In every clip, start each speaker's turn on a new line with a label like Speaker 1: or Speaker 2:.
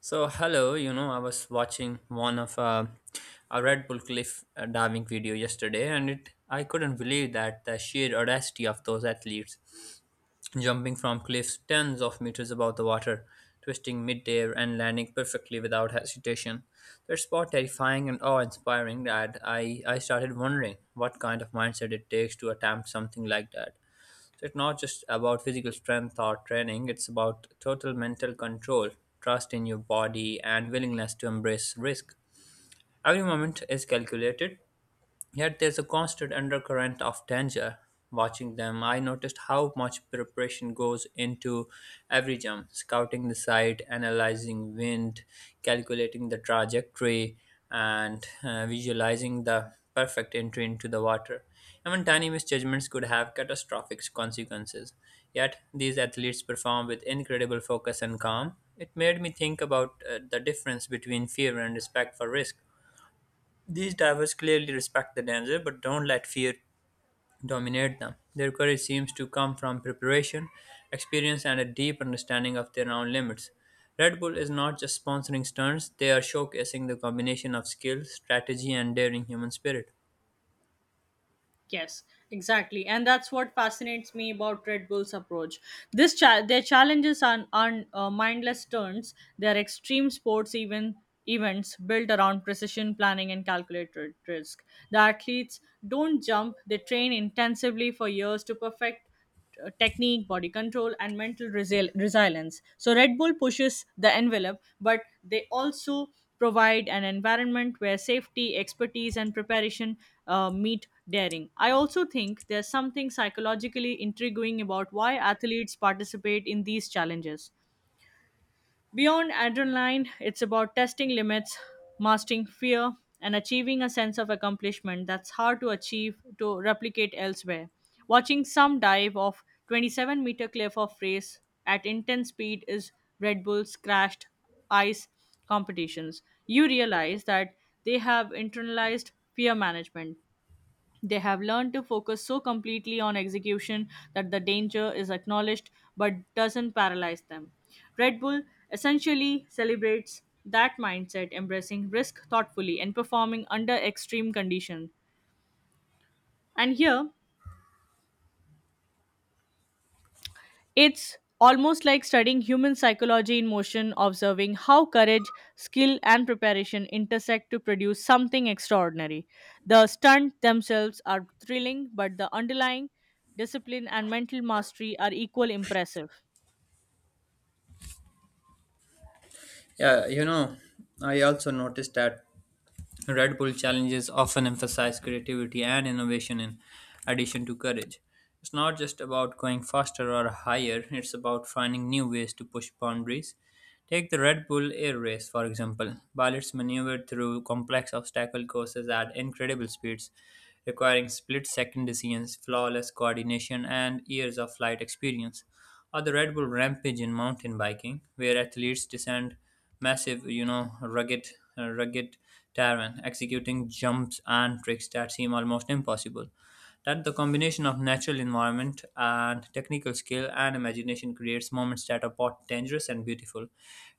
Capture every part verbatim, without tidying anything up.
Speaker 1: So hello, you know, I was watching one of uh, a Red Bull cliff uh, diving video yesterday, and it I couldn't believe that the sheer audacity of those athletes jumping from cliffs tens of meters above the water, twisting midair and landing perfectly without hesitation. It's both terrifying and awe-inspiring that I I started wondering what kind of mindset it takes to attempt something like that. So it's not just about physical strength or training, it's about total mental control, trust in your body, and willingness to embrace risk. Every moment is calculated, yet there's a constant undercurrent of danger. Watching them, I noticed how much preparation goes into every jump scouting the site, analyzing wind, calculating the trajectory, and uh, visualizing the perfect entry into the water. Even tiny misjudgments could have catastrophic consequences. Yet these athletes perform with incredible focus and calm. It made me think about uh, the difference between fear and respect for risk. These divers clearly respect the danger but don't let fear dominate them. Their courage seems to come from preparation, experience, and a deep understanding of their own limits. Red Bull is not just sponsoring stunts, they are showcasing the combination of skill, strategy, and daring human spirit.
Speaker 2: Yes, exactly. And that's what fascinates me about Red Bull's approach. This cha- their challenges are aren't uh, mindless turns. They are extreme sports even events built around precision planning and calculated risk. The athletes don't jump, they train intensively for years to perfect uh, technique, body control, and mental resil- resilience. So, Red Bull pushes the envelope, but they also provide an environment where safety, expertise, and preparation uh, meet daring. I also think there's something psychologically intriguing about why athletes participate in these challenges. Beyond adrenaline, it's about testing limits, mastering fear, and achieving a sense of accomplishment that's hard to achieve to replicate elsewhere. Watching some dive off twenty-seven meter cliff of race at intense speed is Red Bull's crashed ice competitions. You realize that they have internalized fear management, they have learned to focus so completely on execution that the danger is acknowledged but doesn't paralyze them. Red Bull essentially celebrates that mindset, embracing risk thoughtfully and performing under extreme conditions. And here, it's almost like studying human psychology in motion, observing how courage, skill, and preparation intersect to produce something extraordinary. The stunts themselves are thrilling, but the underlying discipline and mental mastery are equally impressive.
Speaker 1: Yeah, you know, I also noticed that Red Bull challenges often emphasize creativity and innovation in addition to courage. It's not just about going faster or higher, it's about finding new ways to push boundaries. Take the Red Bull Air Race, for example. Pilots maneuvered through complex obstacle courses at incredible speeds, requiring split second decisions, flawless coordination, and years of flight experience. Or the Red Bull Rampage in mountain biking, where athletes descend massive, you know, rugged, uh, rugged terrain, executing jumps and tricks that seem almost impossible that the combination of natural environment and technical skill and imagination creates moments that are both dangerous and beautiful.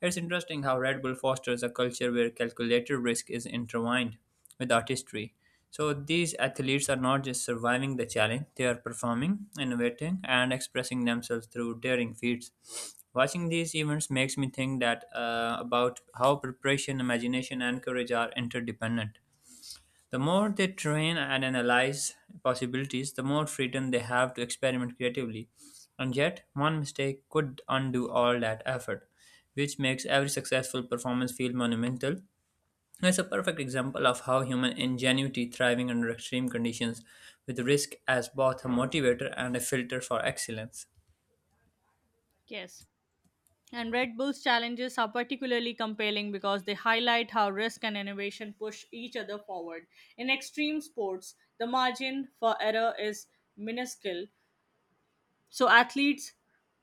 Speaker 1: It's interesting how Red Bull fosters a culture where calculated risk is intertwined with artistry. So these athletes are not just surviving the challenge, they are performing, innovating, and expressing themselves through daring feats. Watching these events makes me think that uh, about how preparation, imagination, and courage are interdependent. The more they train and analyze possibilities, the more freedom they have to experiment creatively. And yet, one mistake could undo all that effort, which makes every successful performance feel monumental. It's a perfect example of how human ingenuity thriving under extreme conditions with risk as both a motivator and a filter for excellence.
Speaker 2: Yes. And Red Bull's challenges are particularly compelling because they highlight how risk and innovation push each other forward. In extreme sports, the margin for error is minuscule, so athletes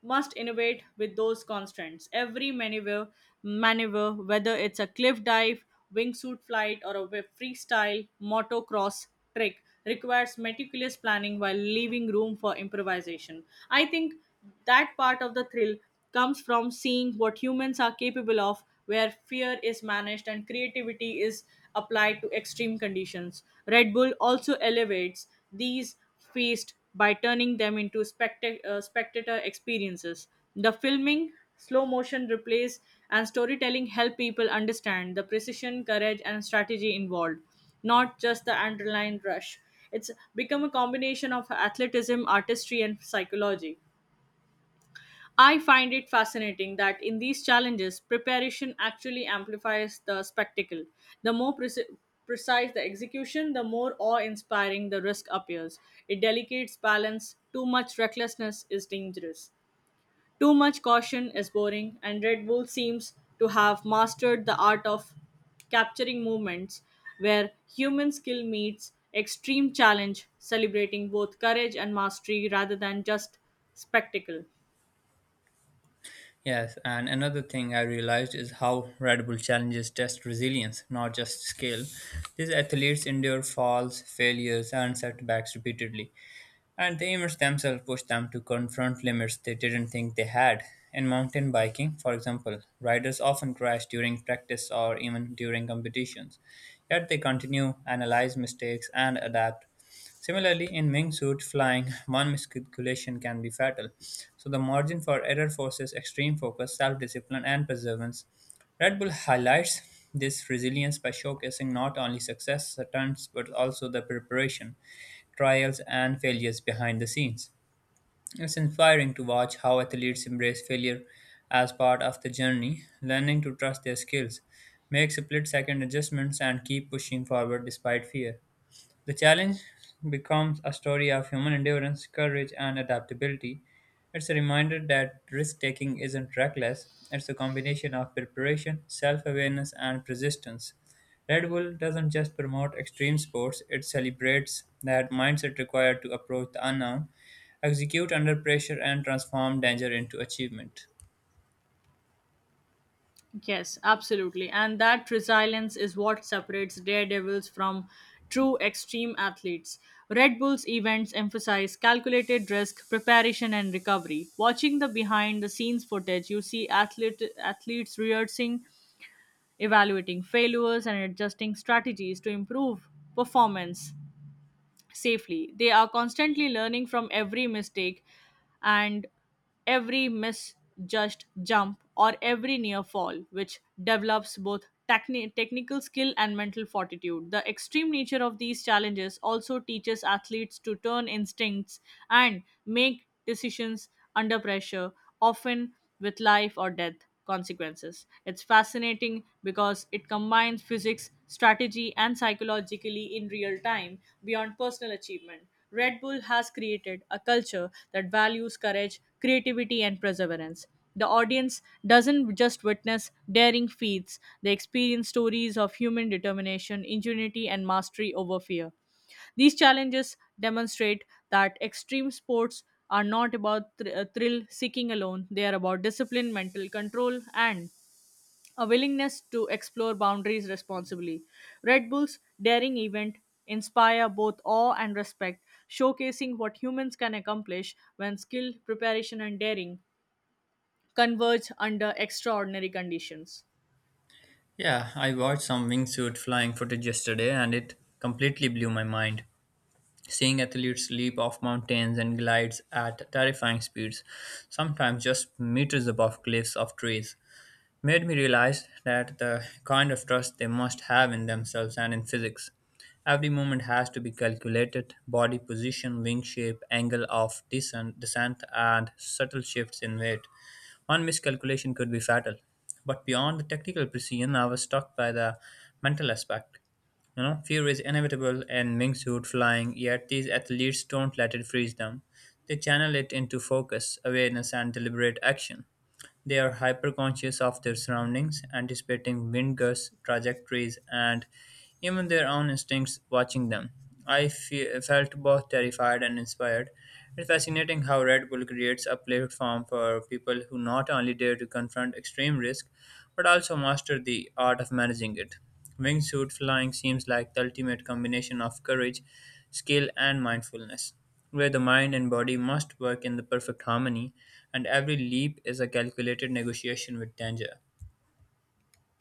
Speaker 2: must innovate with those constants. Every maneuver, maneuver, whether it's a cliff dive, wingsuit flight, or a wi- freestyle motocross trick, requires meticulous planning while leaving room for improvisation. I think that part of the thrill comes from seeing what humans are capable of, where fear is managed and creativity is applied to extreme conditions. Red Bull also elevates these feast by turning them into specta- uh, spectator experiences. The filming, slow motion replays, and storytelling help people understand the precision, courage, and strategy involved, not just the underlying rush. It's become a combination of athleticism, artistry, and psychology. I find it fascinating that in these challenges, preparation actually amplifies the spectacle. The more preci- precise the execution, the more awe inspiring the risk appears. It delicates balance, too much recklessness is dangerous. Too much caution is boring, and Red Bull seems to have mastered the art of capturing moments where human skill meets extreme challenge, celebrating both courage and mastery rather than just spectacle.
Speaker 1: Yes, and another thing I realized is how Red Bull challenges test resilience, not just skill. These athletes endure falls, failures, and setbacks repeatedly, and the image themselves pushed them to confront limits they didn't think they had. In mountain biking, for example, riders often crash during practice or even during competitions, yet they continue, analyze mistakes, and adapt. Similarly, in wingsuit flying, one miscalculation can be fatal. So, the margin for error forces extreme focus, self discipline, and perseverance. Red Bull highlights this resilience by showcasing not only success stunts but also the preparation, trials, and failures behind the scenes. It's inspiring to watch how athletes embrace failure as part of the journey, learning to trust their skills, make split second adjustments, and keep pushing forward despite fear. The challenge becomes a story of human endurance, courage, and adaptability. It's a reminder that risk taking isn't reckless, it's a combination of preparation, self awareness, and persistence. Red Bull doesn't just promote extreme sports, it celebrates that mindset required to approach the unknown, execute under pressure, and transform danger into achievement.
Speaker 2: Yes, absolutely. And that resilience is what separates daredevils from true extreme athletes. Red Bull's events emphasize calculated risk, preparation, and recovery. Watching the behind the scenes footage, you see athlete, athletes rehearsing, evaluating failures, and adjusting strategies to improve performance safely. They are constantly learning from every mistake and every misjudged jump or every near fall, which develops both techni- technical skill and mental fortitude. The extreme nature of these challenges also teaches athletes to turn instincts and make decisions under pressure, often with life or death consequences. It's fascinating because it combines physics, strategy, and psychologically in real time beyond personal achievement. Red Bull has created a culture that values courage, creativity, and perseverance. The audience doesn't just witness daring feats, they experience stories of human determination, ingenuity, and mastery over fear. These challenges demonstrate that extreme sports are not about thr- uh, thrill seeking alone, they are about discipline, mental control, and a willingness to explore boundaries responsibly. Red Bull's daring event inspire both awe and respect, showcasing what humans can accomplish when skill, preparation, and daring converge under extraordinary conditions.
Speaker 1: Yeah, I watched some wingsuit flying footage yesterday and it completely blew my mind. Seeing athletes leap off mountains and glides at terrifying speeds, sometimes just meters above cliffs of trees, made me realize that the kind of trust they must have in themselves and in physics. Every moment has to be calculated body position, wing shape, angle of descent, descent and subtle shifts in weight. One miscalculation could be fatal. But beyond the technical precision, I was struck by the mental aspect. You know, fear is inevitable and Ming's suit flying, yet these athletes don't let it freeze them. They channel it into focus, awareness, and deliberate action. They are hyperconscious of their surroundings, anticipating wind gusts, trajectories, and even their own instincts watching them. I fe- felt both terrified and inspired. It's fascinating how Red Bull creates a platform for people who not only dare to confront extreme risk, but also master the art of managing it. Wingsuit flying seems like the ultimate combination of courage, skill, and mindfulness where the mind and body must work in the perfect harmony, and every leap is a calculated negotiation with danger.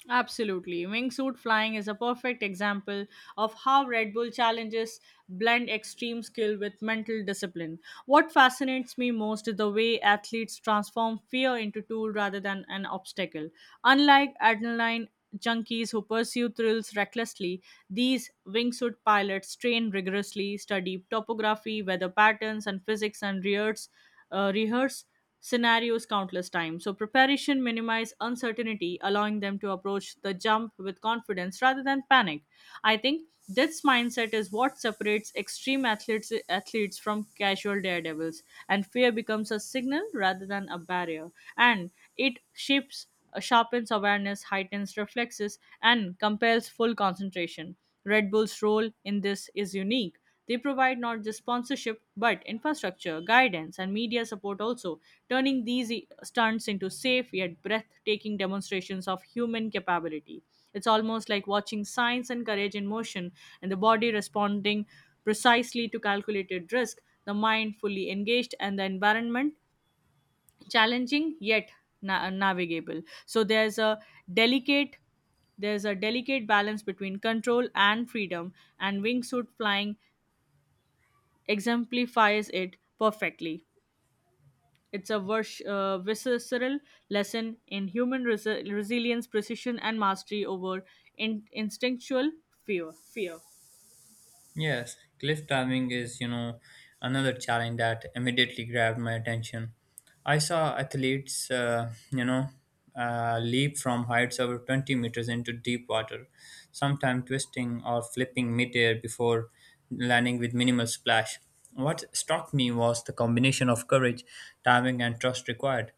Speaker 2: Absolutely. Wingsuit flying is a perfect example of how Red Bull challenges blend extreme skill with mental discipline. What fascinates me most is the way athletes transform fear into tool rather than an obstacle. Unlike adrenaline junkies who pursue thrills recklessly, these wingsuit pilots train rigorously, study topography, weather patterns, and physics, and rehearse, uh, rehearse scenarios countless times. So preparation minimizes uncertainty, allowing them to approach the jump with confidence rather than panic. I think this mindset is what separates extreme athletes athletes from casual daredevils, and fear becomes a signal rather than a barrier. And it shapes, uh, sharpens awareness, heightens reflexes, and compels full concentration. Red Bull's role in this is unique. They provide not just sponsorship but infrastructure, guidance, and media support also, turning these e- stunts into safe yet breathtaking demonstrations of human capability. It's almost like watching science and courage in motion, and the body responding precisely to calculated risk, the mind fully engaged, and the environment challenging yet na- navigable. So there's a delicate there's a delicate balance between control and freedom, and wingsuit flying exemplifies it perfectly. It's a vers- uh, visceral lesson in human resi- resilience, precision, and mastery over in- instinctual fear. Fear.
Speaker 1: Yes, cliff climbing is, you know, another challenge that immediately grabbed my attention. I saw athletes, uh, you know, uh, leap from heights over twenty meters into deep water, sometimes twisting or flipping midair before landing with minimal splash. What struck me was the combination of courage, timing, and trust required.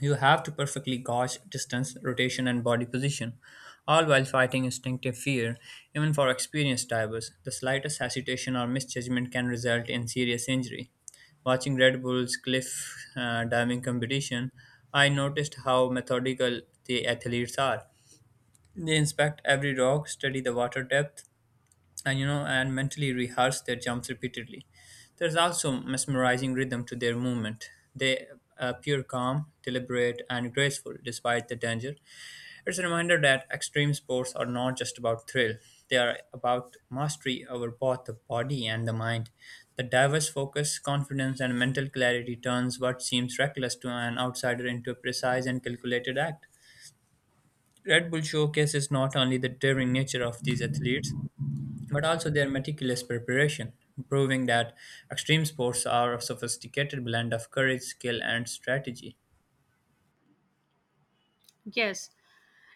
Speaker 1: You have to perfectly gauge distance, rotation, and body position, all while fighting instinctive fear. Even for experienced divers, the slightest hesitation or misjudgment can result in serious injury. Watching Red Bull's cliff uh, diving competition, I noticed how methodical the athletes are. They inspect every rock, study the water depth, and you know and mentally rehearse their jumps repeatedly. There's also mesmerizing rhythm to their movement. They appear calm, deliberate, and graceful despite the danger. It's a reminder that extreme sports are not just about thrill, they are about mastery over both the body and the mind. The diverse focus, confidence, and mental clarity turns what seems reckless to an outsider into a precise and calculated act. Red Bull showcases not only the daring nature of these athletes, but also their meticulous preparation, proving that extreme sports are a sophisticated blend of courage, skill, and strategy.
Speaker 2: Yes,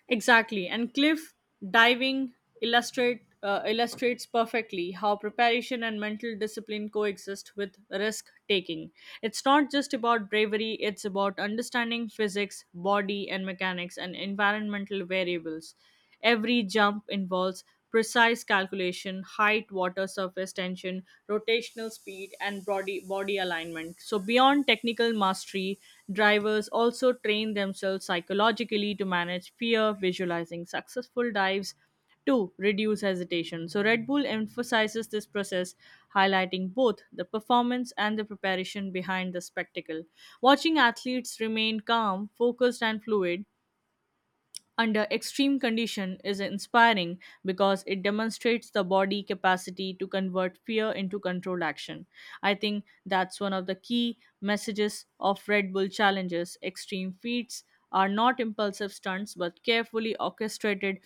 Speaker 2: exactly. And cliff diving illustrate uh, illustrates perfectly how preparation and mental discipline coexist with risk taking. It's not just about bravery, it's about understanding physics, body and mechanics and environmental variables. Every jump involves precise calculation, height, water surface tension, rotational speed, and body, body alignment. So, beyond technical mastery, drivers also train themselves psychologically to manage fear, visualizing successful dives. Two, reduce hesitation. So, Red Bull emphasizes this process, highlighting both the performance and the preparation behind the spectacle. Watching athletes remain calm, focused, and fluid under extreme condition is inspiring because it demonstrates the body capacity to convert fear into controlled action. I think that's one of the key messages of Red Bull challenges. Extreme feats are not impulsive stunts but carefully orchestrated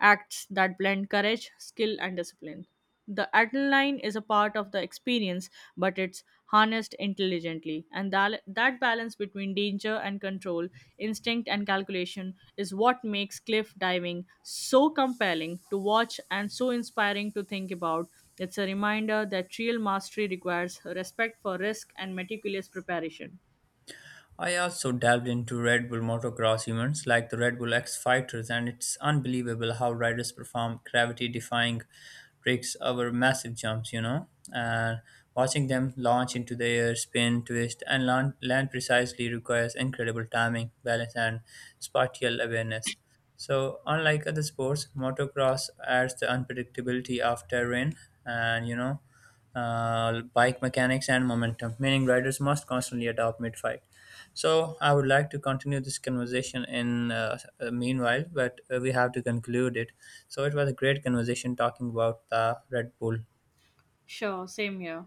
Speaker 2: acts that blend courage, skill, and discipline. The adrenaline is a part of the experience, but it's harnessed intelligently. And that, that balance between danger and control, instinct and calculation, is what makes cliff diving so compelling to watch and so inspiring to think about. It's a reminder that real mastery requires respect for risk and meticulous preparation.
Speaker 1: I also delved into Red Bull motocross events like the Red Bull X Fighters, and it's unbelievable how riders perform gravity defying tricks over massive jumps, you know. And watching them launch into the air, spin, twist, and land, land precisely requires incredible timing, balance, and spatial awareness. So, unlike other sports, motocross adds the unpredictability of terrain and, you know, uh, bike mechanics and momentum, meaning riders must constantly adapt mid fight. So I would like to continue this conversation in uh, uh, meanwhile, but uh, we have to conclude it. So it was a great conversation talking about the Red Bull
Speaker 2: Sure, same here.